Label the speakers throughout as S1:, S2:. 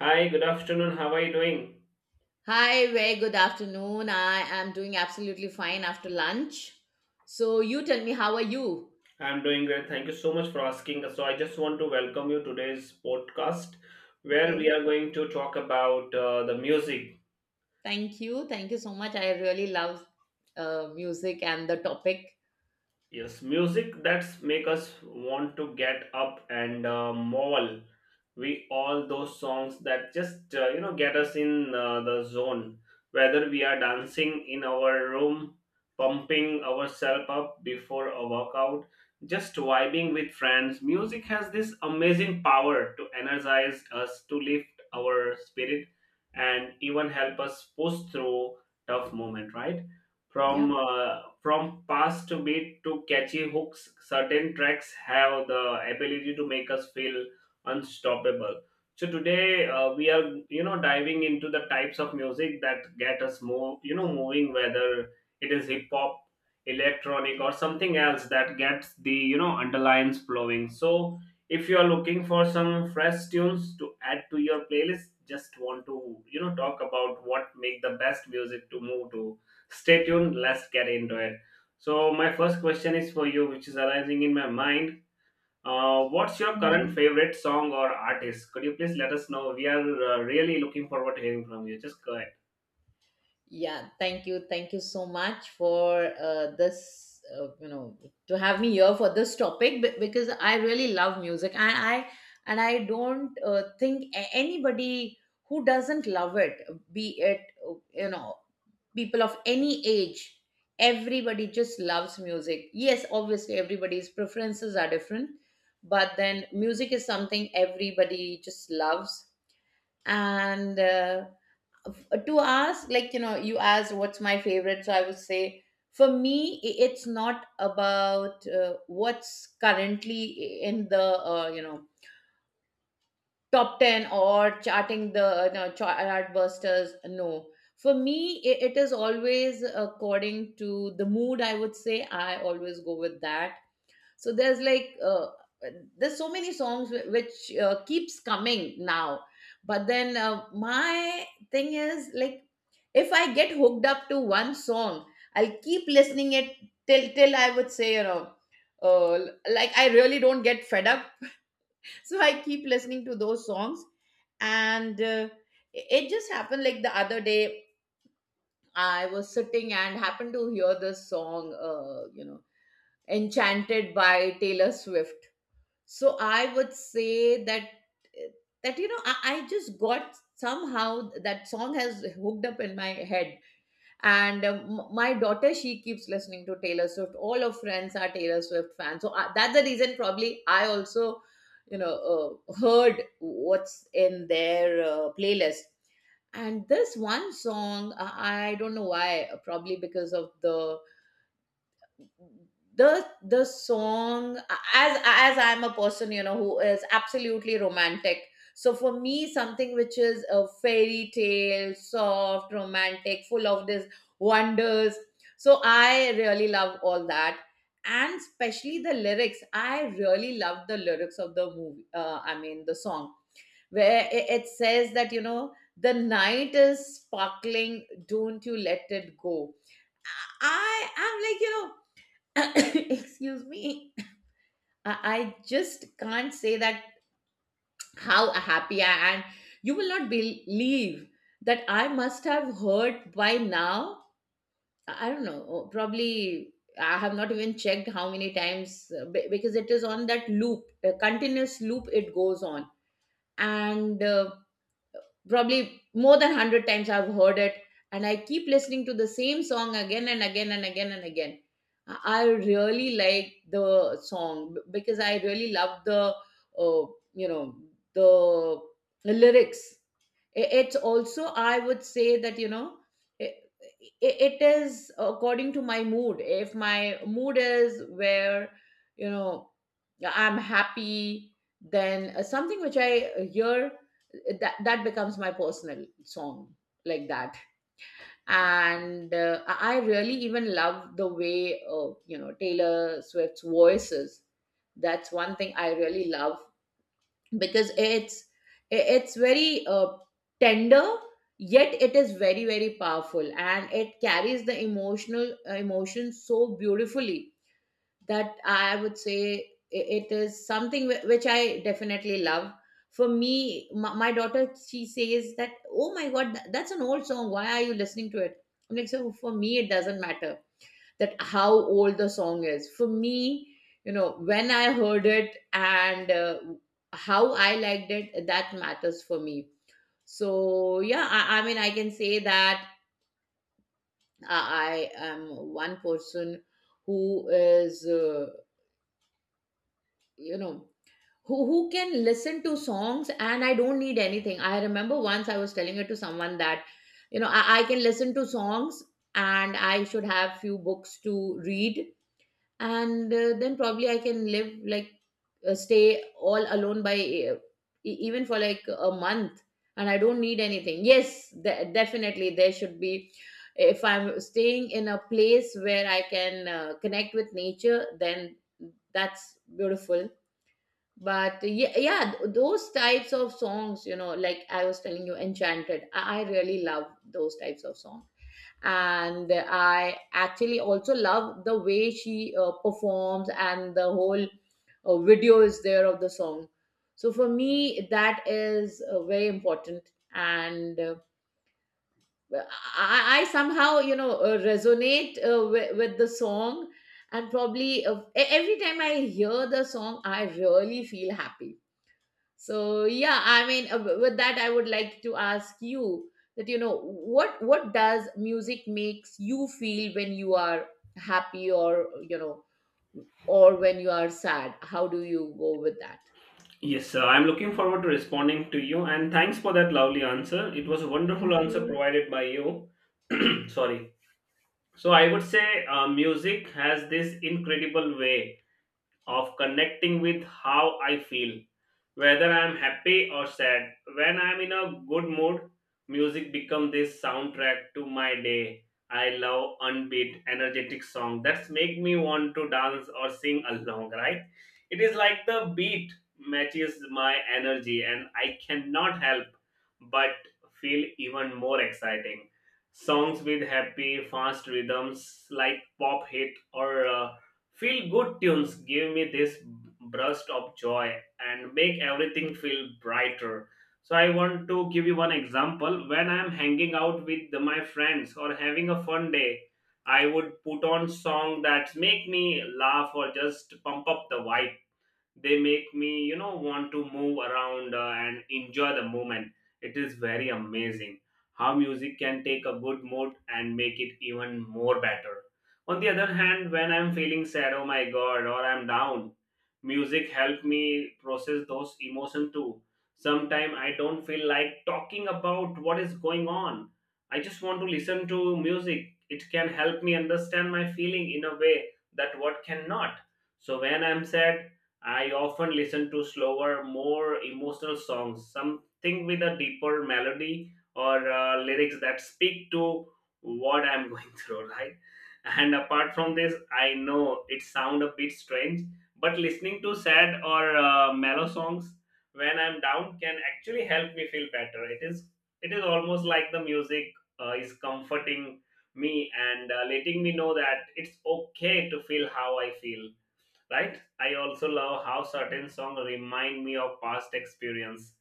S1: Hi, good afternoon. How are you doing?
S2: Hi, very good afternoon. I am doing absolutely fine after lunch. So, you tell me, how are you?
S1: I'm doing great. Thank you so much for asking. So I just want to welcome you to today's podcast where
S2: Yes.
S1: we are going to talk about the music.
S2: Thank you. Thank you so much. I really love music and the topic.
S1: Yes, music that's make us want to get up and maul. We all those songs that just get us in the zone. Whether we are dancing in our room, pumping ourselves up before a workout, just vibing with friends, music has this amazing power to energize us, to lift our spirit, and even help us push through tough moment. Right?
S2: Yeah.
S1: From past beat to catchy hooks, certain tracks have the ability to make us feel unstoppable. So today we are diving into the types of music that get us move you know moving, whether it is hip hop, electronic or something else that gets the underlines flowing. So if you are looking for some fresh tunes to add to your playlist, just want to talk about what make the best music to move to. Stay tuned, let's get into it. So, my first question is for you, which is arising in my mind. What's your current
S2: Mhm.
S1: favorite song or artist? Could you please let us know? We are really looking forward to hearing from you. Just go ahead.
S2: Yeah. Thank you. Thank you so much for this, to have me here for this topic, because I really love music, and I don't think anybody who doesn't love it, be it, uh, you know, people of any age. Everybody just loves music. Yes, obviously everybody's preferences are different, but then music is something everybody just loves. And to ask, like, you asked what's my favorite, so I would say, for me, it's not about what's currently in the, top 10 or charting the, no, chart busters. No, for me, it is always according to the mood, I would say. I always go with that. So there's, like there's so many songs which keeps coming now. But then, my thing is, like, if I get hooked up to one song, I'll keep listening it till, I would say, uh, like, I really don't get fed up. So I keep listening to those songs. And, it just happened, like the other day I was sitting and happened to hear this song, Enchanted by Taylor Swift. So I would say that, I just got, somehow, that song has hooked up in my head. And, my daughter, she keeps listening to Taylor Swift. All her friends are Taylor Swift fans, so, that's the reason, probably I also, heard what's in their playlist. And this one song, I don't know why. Probably because of the song. As I'm a person, who is absolutely romantic, so for me, something which is a fairy tale, soft, romantic, full of this wonders, so I really love all that. And especially the lyrics, I really love the lyrics of the movie, I mean the song, where it says that, the night is sparkling, don't you let it go. I am like, excuse me. I just can't say that how happy I am. You will not believe that I must have heard by now, I don't know. Oh, probably I have not even checked how many times, because it is on that loop, a continuous loop, it goes on. And, probably more than 100 times I've heard it, and I keep listening to the same song again and again and again and again. I really like the song, because I really love the, uh, you know the lyrics. It's also, I would say that, it, it is according to my mood. If my mood is where, you know I'm happy, then something which I hear, that becomes my personal song, like that. And, I really even love the way, Taylor Swift's voices. That's one thing I really love, because it's very, tender, yet it is very, very powerful, and it carries the emotional, emotion so beautifully. That, I would say, it is something which I definitely love. For me, my daughter, she says that, oh my god, that's an old song, why are you listening to it. I'm like, so for me it doesn't matter, that how old the song is. For me, when I heard it and how I liked it, that matters for me. So yeah, I mean, I can say that I am one person who is, you know who can listen to songs, and I don't need anything. I remember, once I was telling it to someone that, I can listen to songs and I should have few books to read, and then probably I can live, like, stay all alone by, even for like a month, and I don't need anything. Yes, definitely there should be, if I'm staying in a place where I can connect with nature, then that's beautiful. But, yeah, yeah, those types of songs, like I was telling you, Enchanted, I really love those types of songs. And I actually also love the way she performs, and the whole video is there of the song. So for me that is very important. And, I somehow, resonate, with the song. And probably, every time I hear the song, I really feel happy. So yeah, I mean, with that, I would like to ask you that, what does music makes you feel when you are happy, or, or when you are sad? How do you go with that?
S1: Yes, sir. I'm looking forward to responding to you, and thanks for that lovely answer. It was a wonderful
S2: Thank
S1: answer
S2: you.
S1: provided by you. Sorry. So I would say music has this incredible way of connecting with how I feel, whether I am happy or sad. When I am in a good mood, music becomes this soundtrack to my day. I love unbeat, energetic song that make me want to dance or sing along, right? It is like the beat matches my energy and I cannot help but feel even more exciting songs with happy fast rhythms like pop hit or feel good tunes give me this burst of joy and make everything feel brighter. So, I want to give you one example. When I'm hanging out with my friends or having a fun day, I would put on song that make me laugh or just pump up the vibe. They make me want to move around and enjoy the moment. It is very amazing how music can take a good mood and make it even more better. On the other hand, when I'm feeling sad, oh my god, or I'm down, music help me process those emotions too. Sometimes I don't feel like talking about what is going on. I just want to listen to music. It can help me understand my feeling in a way that what cannot. So when I'm sad, I often listen to slower, more emotional songs, something with a deeper melody or lyrics that speak to what I'm going through, right? And apart from this, I know it sounds a bit strange, but listening to sad or mellow songs when I'm down can actually help me feel better. It is almost like the music is comforting me and letting me know that it's okay to feel how I feel, right? I also love how certain songs remind me of past experience,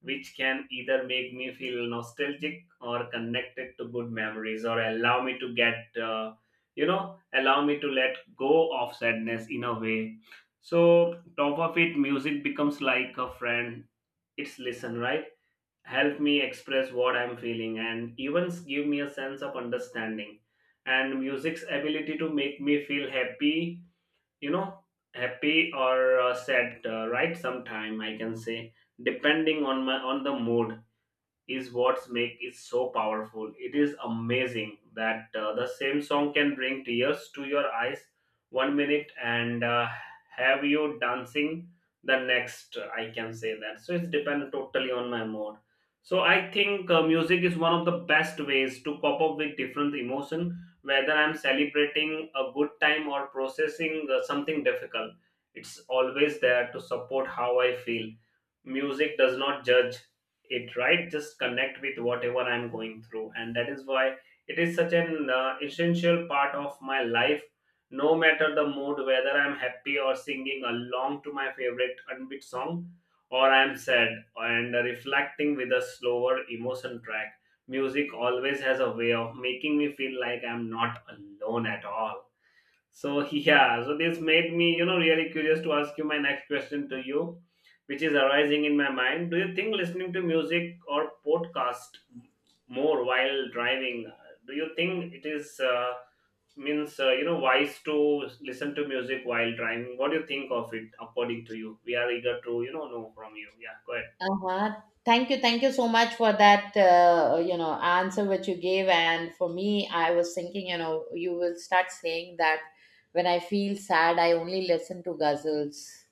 S1: which can either make me feel nostalgic or connected to good memories, or allow me to get, allow me to let go of sadness in a way. So, top of it, music becomes like a friend. It's listen, right? Help me express what I'm feeling and even give me a sense of understanding. And music's ability to make me feel happy, you know happy or sad, right, sometime I can say, depending on my on the mood, is what make it so powerful. It is amazing that the same song can bring tears to your eyes one minute and have you dancing the next. I can say that. So it's depend totally on my mood. So I think music is one of the best ways to cope up with different emotion, whether I'm celebrating a good time or processing something difficult. It's always there to support how I feel. Music does not judge it, right? Just connect with whatever I'm going through, and that is why it is such an essential part of my life. No matter the mood, whether I'm happy or singing along to my favorite unbeat song, or I'm sad and reflecting with a slower emotion track, music always has a way of making me feel like I'm not alone at all. So yeah, so this made me, really curious to ask you my next question to you, which is arising in my mind. Do you think listening to music or podcast more while driving? Do you think it is means wise to listen to music while driving? What do you think of it? According to you, we are eager to know from you. Yeah, go ahead.
S2: Uh-huh. Thank you. Thank you so much for that, answer which you gave. And for me, I was thinking, you will start saying that when I feel sad, I only listen to ghazals.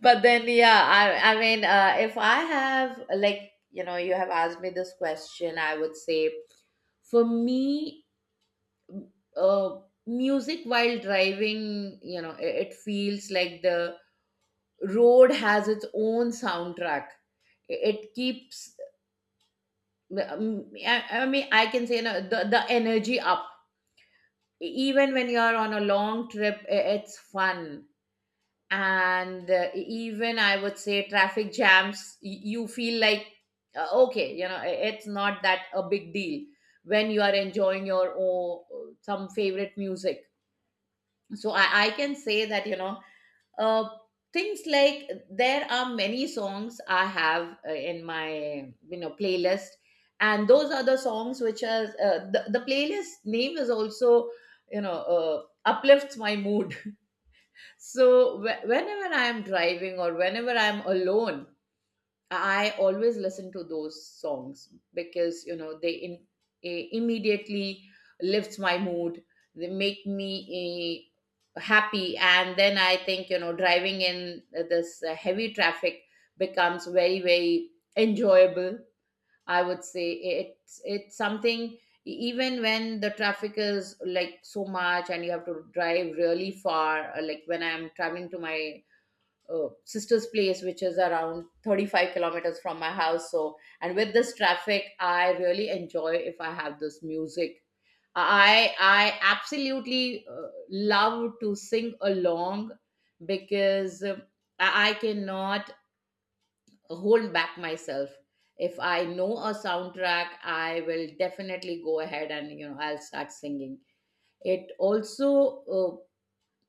S2: But then, yeah, I mean, if I have, like, you have asked me this question, I would say, for me, uh, music while driving, it feels like the road has its own soundtrack. It keeps, I mean, I can say, the energy up. Even when you're on a long trip, it's fun. And, even, I would say, traffic jams, you feel like, okay, it's not that a big deal when you are enjoying your, oh, some favorite music. So, I can say that, uh, things, like, there are many songs I have, in my, playlist. And those are the songs which are, the playlist name is also, uplifts my mood. So, whenever I am driving, or whenever I'm alone, I always listen to those songs, because, they, immediately lifts my mood. They make me, happy, and then I think, driving in this heavy traffic becomes very, very enjoyable. I would say it's something, even when the traffic is like so much and you have to drive really far. Like when I'm traveling to my sister's place, which is around 35 kilometers from my house, so, and with this traffic, I really enjoy if I have this music. I absolutely love to sing along, because, I cannot hold back myself. If I know a soundtrack, I will definitely go ahead, and, I'll start singing. It also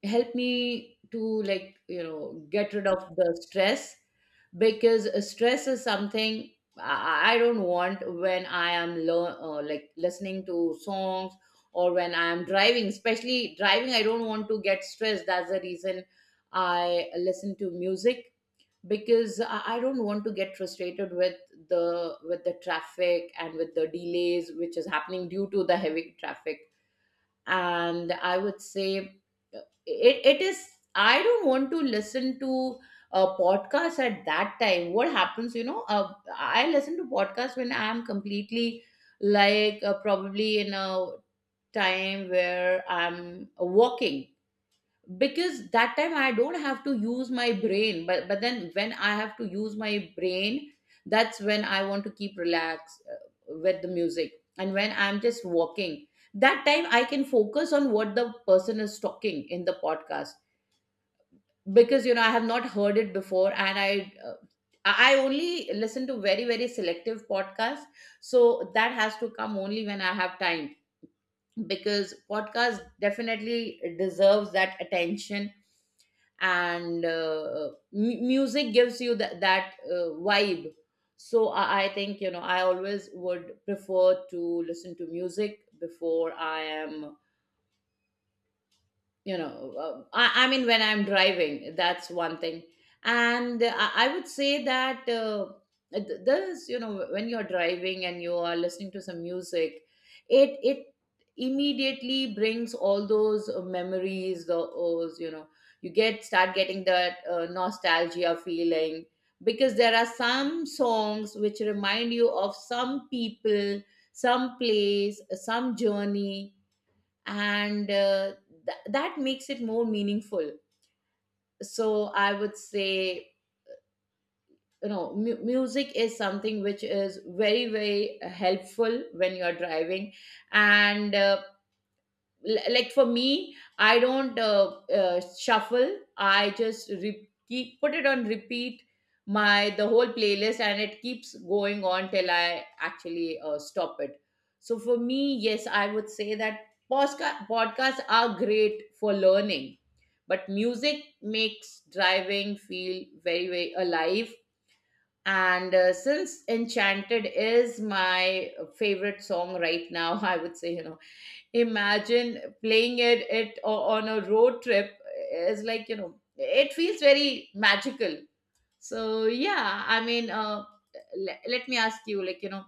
S2: helped me to, like, get rid of the stress. Because stress is something i I don't want when I am, like, listening to songs. Or when I am driving, especially driving, I don't want to get stressed, that's the reason I listen to music. Because I don't want to get frustrated with the traffic, and with the delays which is happening due to the heavy traffic. And I would say, it, it is I don't want to listen to a podcast at that time. What happens, I listen to podcasts when I am completely, like, probably in a time where I'm walking. Because that time I don't have to use my brain, but then when I have to use my brain, that's when I want to keep relaxed, with the music. And when I'm just walking, that time I can focus on what the person is talking in the podcast. Because, I have not heard it before, and I only listen to very, very selective podcasts. So that has to come only when I have time, because podcast definitely deserves that attention. And, music gives you that, vibe. So, I think, I always would prefer to listen to music before I am, I mean, when I'm driving, that's one thing. And, I would say that, this, when you're driving and you are listening to some music, it immediately brings all those memories, those, you get start getting that nostalgia feeling. Because there are some songs which remind you of some people, some place, some journey. And, that makes it more meaningful. So I would say, music is something which is very, very helpful when you're driving. And, like, for me, I don't, shuffle, I just keep put it on repeat my the whole playlist, and it keeps going on till I actually stop it. So for me, yes, I would say that podcasts are great for learning, but music makes driving feel very very alive. And since Enchanted is my favorite song right now, I would say, you know, imagine playing it on a road trip. Is like, you know, it feels very magical. So yeah, I mean, let me ask you, like, you know,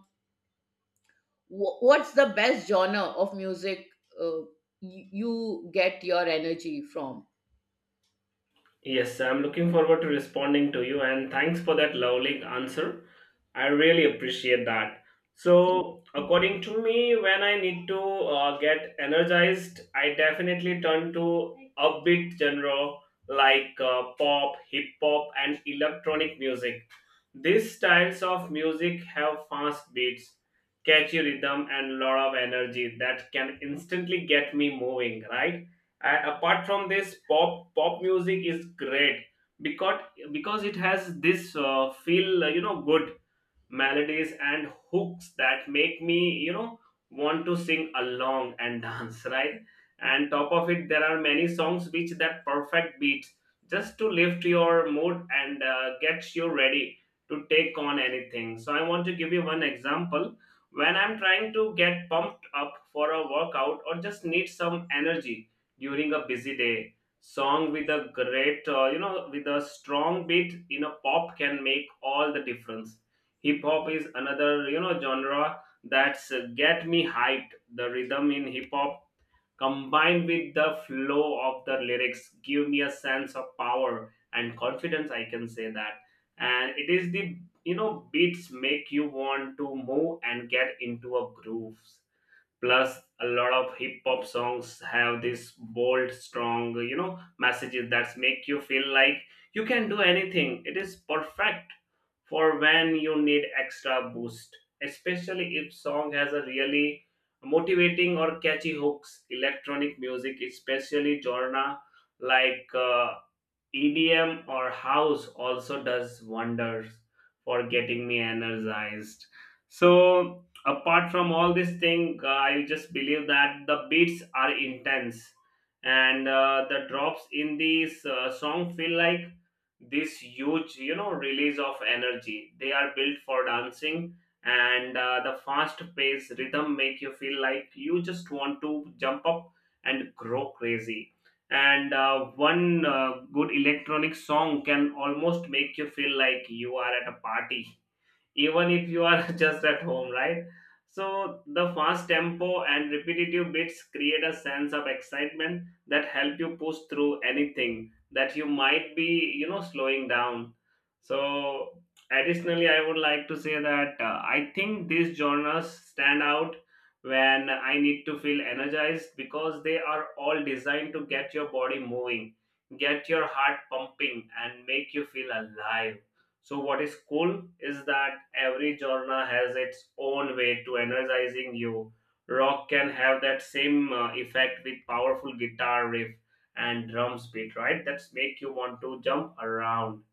S2: what's the best genre of music uh, you get your energy from?
S1: Yes, I'm looking forward to responding to you and thanks for that lovely answer. I really appreciate that.
S2: Thank
S1: So,
S2: you.
S1: according to me, when I need to get energized, I definitely turn to upbeat genre like pop, hip hop, and electronic music. These styles of music have fast beats, catchy rhythm, and lot of energy that can instantly get me moving, right? And apart from this, pop music is great because because it has this feel good melodies and hooks that make me want to sing along and dance, right? And top of it, there are many songs which that perfect beat just to lift your mood and get you ready to take on anything. So I want to give you one example. When I'm trying to get pumped up for a workout or just need some energy during a busy day, song with a great with a strong beat in a pop can make all the difference. Hip hop is another genre that's get me hyped. The rhythm in hip hop combined with the flow of the lyrics give me a sense of power and confidence, I can say that. And it is the beats make you want to move and get into a groove. Plus a lot of hip hop songs have this bold strong messages that make you feel like you can do anything. It is perfect for when you need extra boost, especially if song has a really motivating or catchy hooks. Electronic music, especially genre like EDM or house, also does wonders for getting me energized. So apart from all this thing, I just believe that the beats are intense and the drops in these song feel like this huge, release of energy. They are built for dancing, and the fast paced rhythm make you feel like you just want to jump up and grow crazy. And one good electronic song can almost make you feel like you are at a party, even if you are just at home, right? So the fast tempo and repetitive bits create a sense of excitement that help you push through anything that you might be, slowing down. So additionally, I would like to say that I think these genres stand out when I need to feel energized because they are all designed to get your body moving, get your heart pumping, and make you feel alive. So what is cool is that every genre has its own way to energizing you. Rock can have that same effect with powerful guitar riff and drums beat, right? That's make you want to jump around.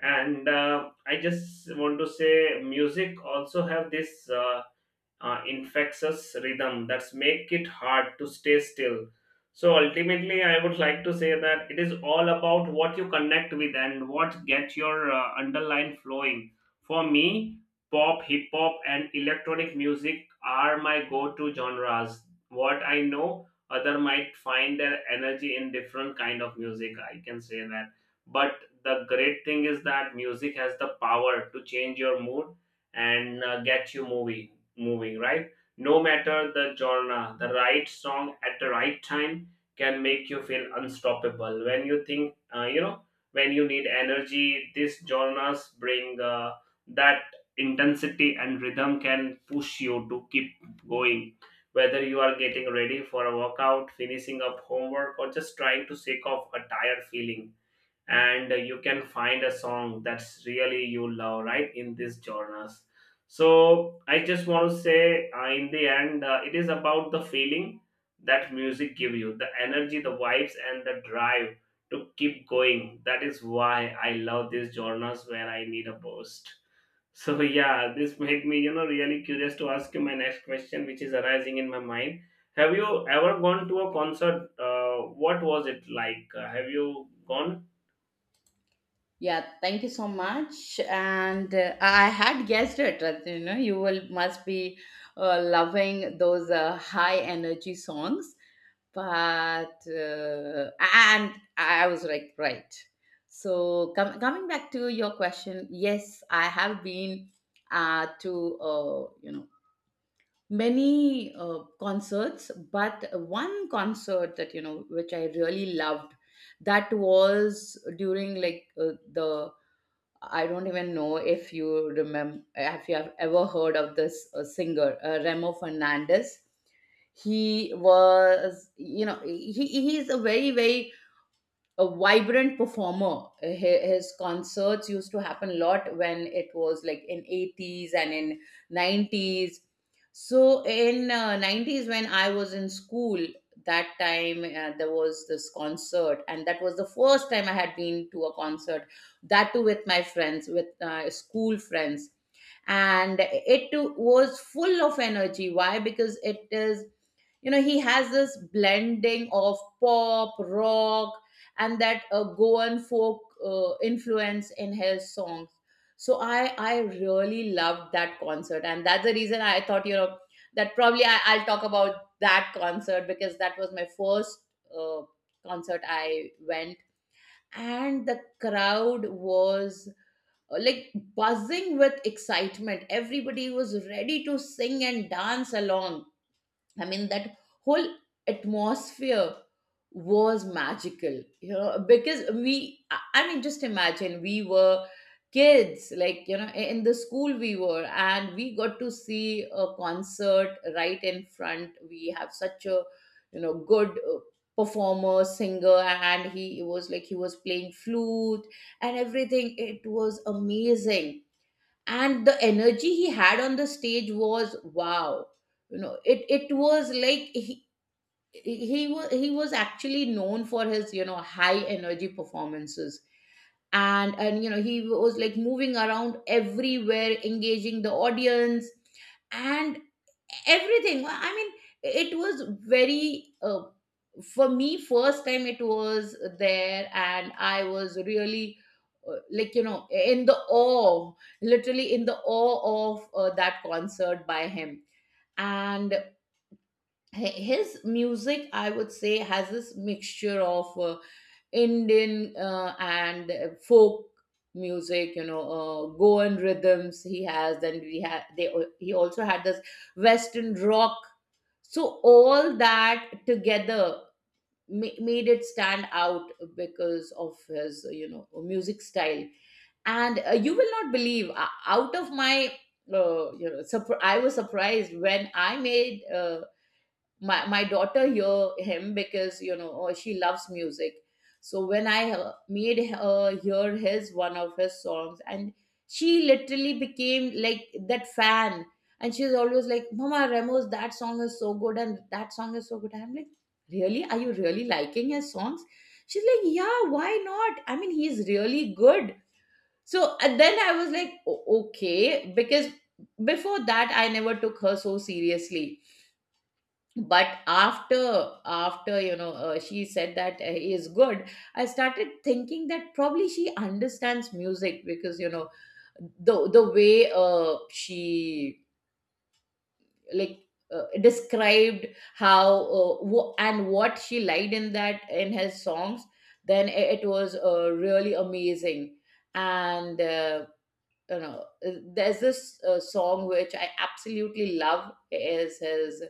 S1: And I just want to say, music also have this infectious rhythm that's make it hard to stay still. So ultimately, I would like to say that it is all about what you connect with and what get your underline flowing. For me, pop hip hop and electronic music are my go to genres. What I know other might find their energy in different kind of music, I can say that. But the great thing is that music has the power to change your mood and get you moving, right? No matter the genre, the right song at the right time can make you feel unstoppable. When you think, when you need energy, these genres bring that intensity and rhythm can push you to keep going. Whether you are getting ready for a workout, finishing up homework, or just trying to shake off a tired feeling, and you can find a song that's really you love right in these genres. So I just want to say, in the end, it is about the feeling that music give you, the energy, the vibes, and the drive to keep going. That is why I love these genres when I need a boost. So yeah, this made me, really curious to ask you my next question which is arising in my mind. Have you ever gone to a concert? What was it like? Have you gone?
S2: Yeah, thank you so much. And I had guessed it, you know, you will must be loving those high energy songs. But and I was like, right. So coming back to your question, yes, I have been, to, you know, many concerts, but one concert that, you know, which I really loved, that was during, like, the, I don't even know if you remember, if you have ever heard of this singer, Remo Fernandez. He was, you know, he is a very very a vibrant performer. His concerts used to happen a lot when it was, like, in 80s and in 90s. So in 90s when I was in school, that time there was this concert, and that was the first time I had been to a concert. That too with my friends, with school friends. And it too was full of energy. Why? Because it is, you know, he has this blending of pop rock and that Goan folk influence in his songs. So I really loved that concert, and that's the reason I thought, you know, that probably I'll talk about that concert, because that was my first uh, concert I went. And the crowd was, like, buzzing with excitement. Everybody was ready to sing and dance along. I mean, that whole atmosphere was magical, you know, because we, I mean, just imagine, we were kids, like, you know, in the school we were, and we got to see a concert right in front. We have such a, you know, good performer, singer, and he was like, he was playing flute and everything. It was amazing. And the energy he had on the stage was wow. You know, it was like, he was actually known for his, you know, high energy performances. And you know, he was like moving around everywhere, engaging the audience, and everything. Well, I mean, it was very, for me, first time it was there, and I was really, like, you know, in the awe, literally in the awe of that concert by him. And his music, I would say, has this mixture of Indian and folk music, you know, Goan rhythms he has. Then we had they al- he also had this western rock. So all that together made it stand out because of his, you know, music style. And you will not believe, out of my, you know, I was surprised when I made, my daughter hear him, because, you know, she loves music. So when I made her hear his one of his songs, and she literally became like that fan. And she's always like, "Mama, Ramos, that song is so good and that song is so good." I'm like, "Really? Are you really liking his songs?" She's like, "Yeah, why not? I mean, he's really good." So and then I was like, Okay," because before that, I never took her so seriously. But after, you know, she said that, he is good, I started thinking that probably she understands music, because you know, the way she, like, described how, and what she liked in that, in his songs, then it was really amazing. And you know, there's this song which I absolutely love is his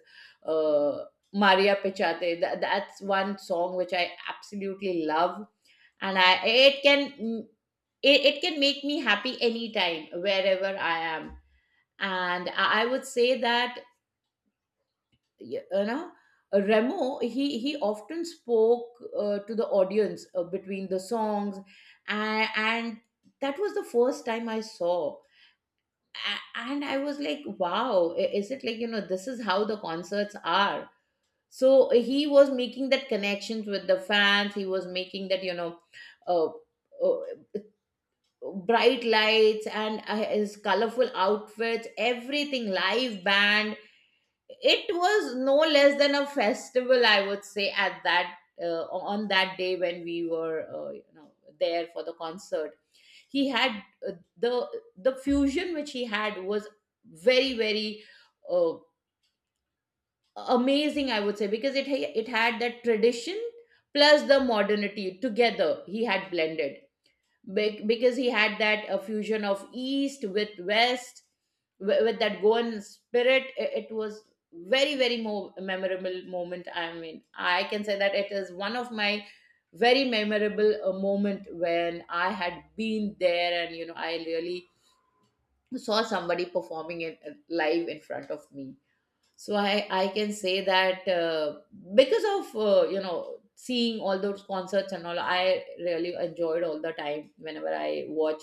S2: uh, Maria Pichate. That's one song which I absolutely love, and I it can, it can make me happy anytime, wherever I am. And I would say that, you know, Remo, he often spoke, to the audience between the songs, and that was the first time I saw a- and I was like, wow, is it like, you know, this is how the concerts are. So he was making that connections with the fans. He was making that, you know, uh, uh, bright lights, and his colorful outfits, everything, live band. It was no less than a festival, I would say, at that, uh, on that day when we were, you know, there for the concert. He had, uh, the the fusion which he had was very very, uh, amazing, I would say, because it had that tradition plus the modernity together, he had blended. Because he had that fusion of east with west, with that Goan spirit, it was very very memorable moment. I mean, I can say that it is one of my very memorable moment when I had been there, and you know, I really saw somebody performing it live in front of me. So I can say that, because of, you know, seeing all those concerts and all, I really enjoyed all the time whenever I watch.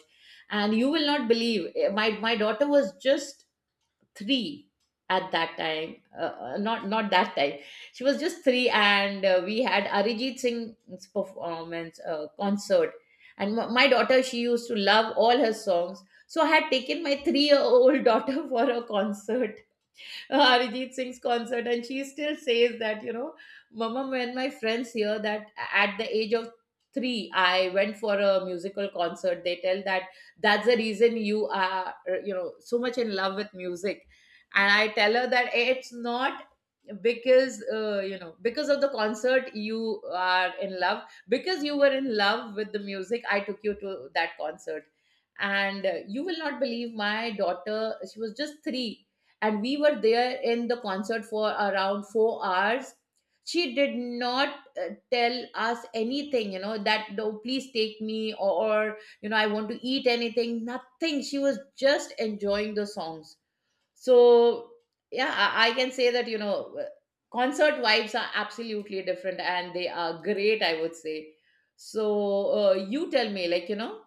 S2: And you will not believe, my daughter was just 3 at that time. Not that time, she was just 3. And we had Arijit Singh's performance, concert, and my daughter, she used to love all her songs. So I had taken my 3-year old daughter for a concert, Arijit Singh's concert, and she still says that, you know, "Mama, when my friends hear that at the age of 3, I went for a musical concert, they tell that that's the reason you are, you know, so much in love with music." And I tell her that it's not because, you know, because of the concert you are in love, because you were in love with the music, I took you to that concert. And you will not believe, my daughter, she was just 3, and we were there in the concert for around 4 hours. She did not tell us anything, you know, that, "No, please take me," or, you know, "I want to eat anything," nothing. She was just enjoying the songs. So yeah, I can say that, you know, uh, concert vibes are absolutely different and they are great, I would say. So, you tell me, like, you know,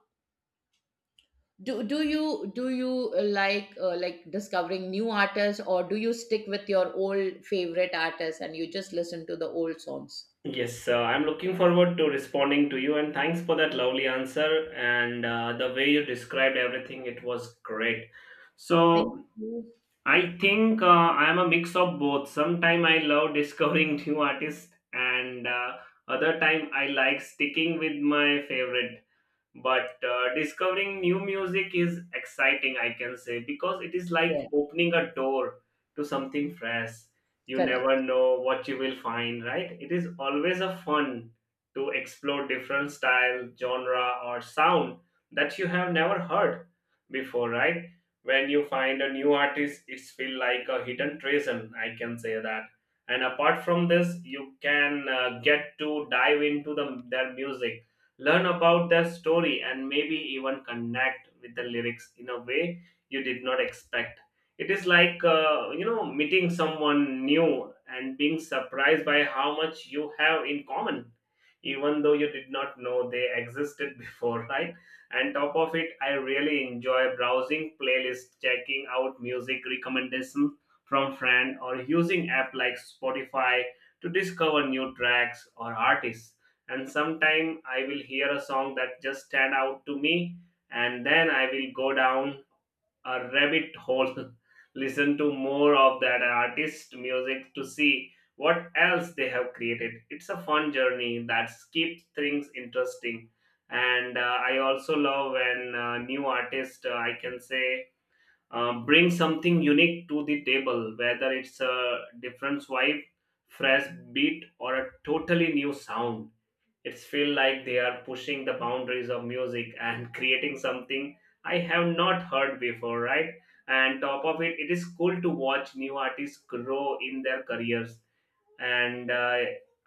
S2: do you like, like discovering new artists, or do you stick with your old favorite artists and you just listen to the old songs?
S1: Yes, I'm looking forward to responding to you, and thanks for that lovely answer and the way you described everything. It was great.
S2: Thank
S1: So
S2: you.
S1: I think I'm a mix of both. Sometime I love discovering new artists, and other time I like sticking with my favorite, but discovering new music is exciting, I can say, because it is like
S2: Yeah.
S1: opening a door to something fresh. You
S2: Correct.
S1: never know what you will find, right? It is always a fun to explore different style, genre, or sound that you have never heard before, right? When you find a new artist, it's feel like a hidden treasure, I can say that. And apart from this, you can get to dive into their music, learn about their story, and maybe even connect with the lyrics in a way you did not expect. It is like, meeting someone new and being surprised by how much you have in common, even though you did not know they existed before, right? And top of it, I really enjoy browsing playlists, checking out music recommendations from friend or using app like Spotify to discover new tracks or artists. And sometime I will hear a song that just stand out to me, and then I will go down a rabbit hole listen to more of that artist music to see what else they have created. It's a fun journey that keeps things interesting. And I also love when new artists, I can say, bring something unique to the table, whether it's a different vibe, fresh beat, or a totally new sound. It's feel like they are pushing the boundaries of music and creating something I have not heard before, right? And top of it, it is cool to watch new artists grow in their careers. And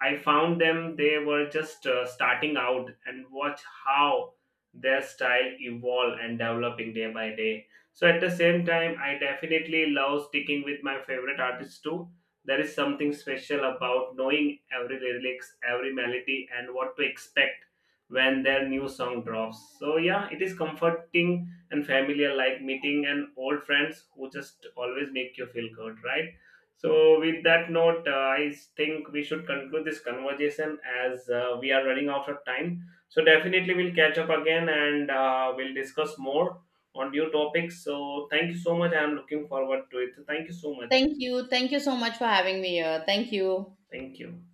S1: I found them, they were just starting out, and watch how their style evolve and developing day by day. So at the same time, I definitely love sticking with my favorite artists too. There is something special about knowing every lyrics, every melody, and what to expect when their new song drops. So yeah, it is comforting and familiar, like meeting an old friends who just always make you feel good, right? So, with that note, I think we should conclude this conversation as we are running out of time. So, definitely we'll catch up again, and we'll discuss more on new topics. So, thank you so much. I'm looking forward to it. Thank you so much.
S2: Thank you. Thank you so much for having me here. Thank you.
S1: Thank you.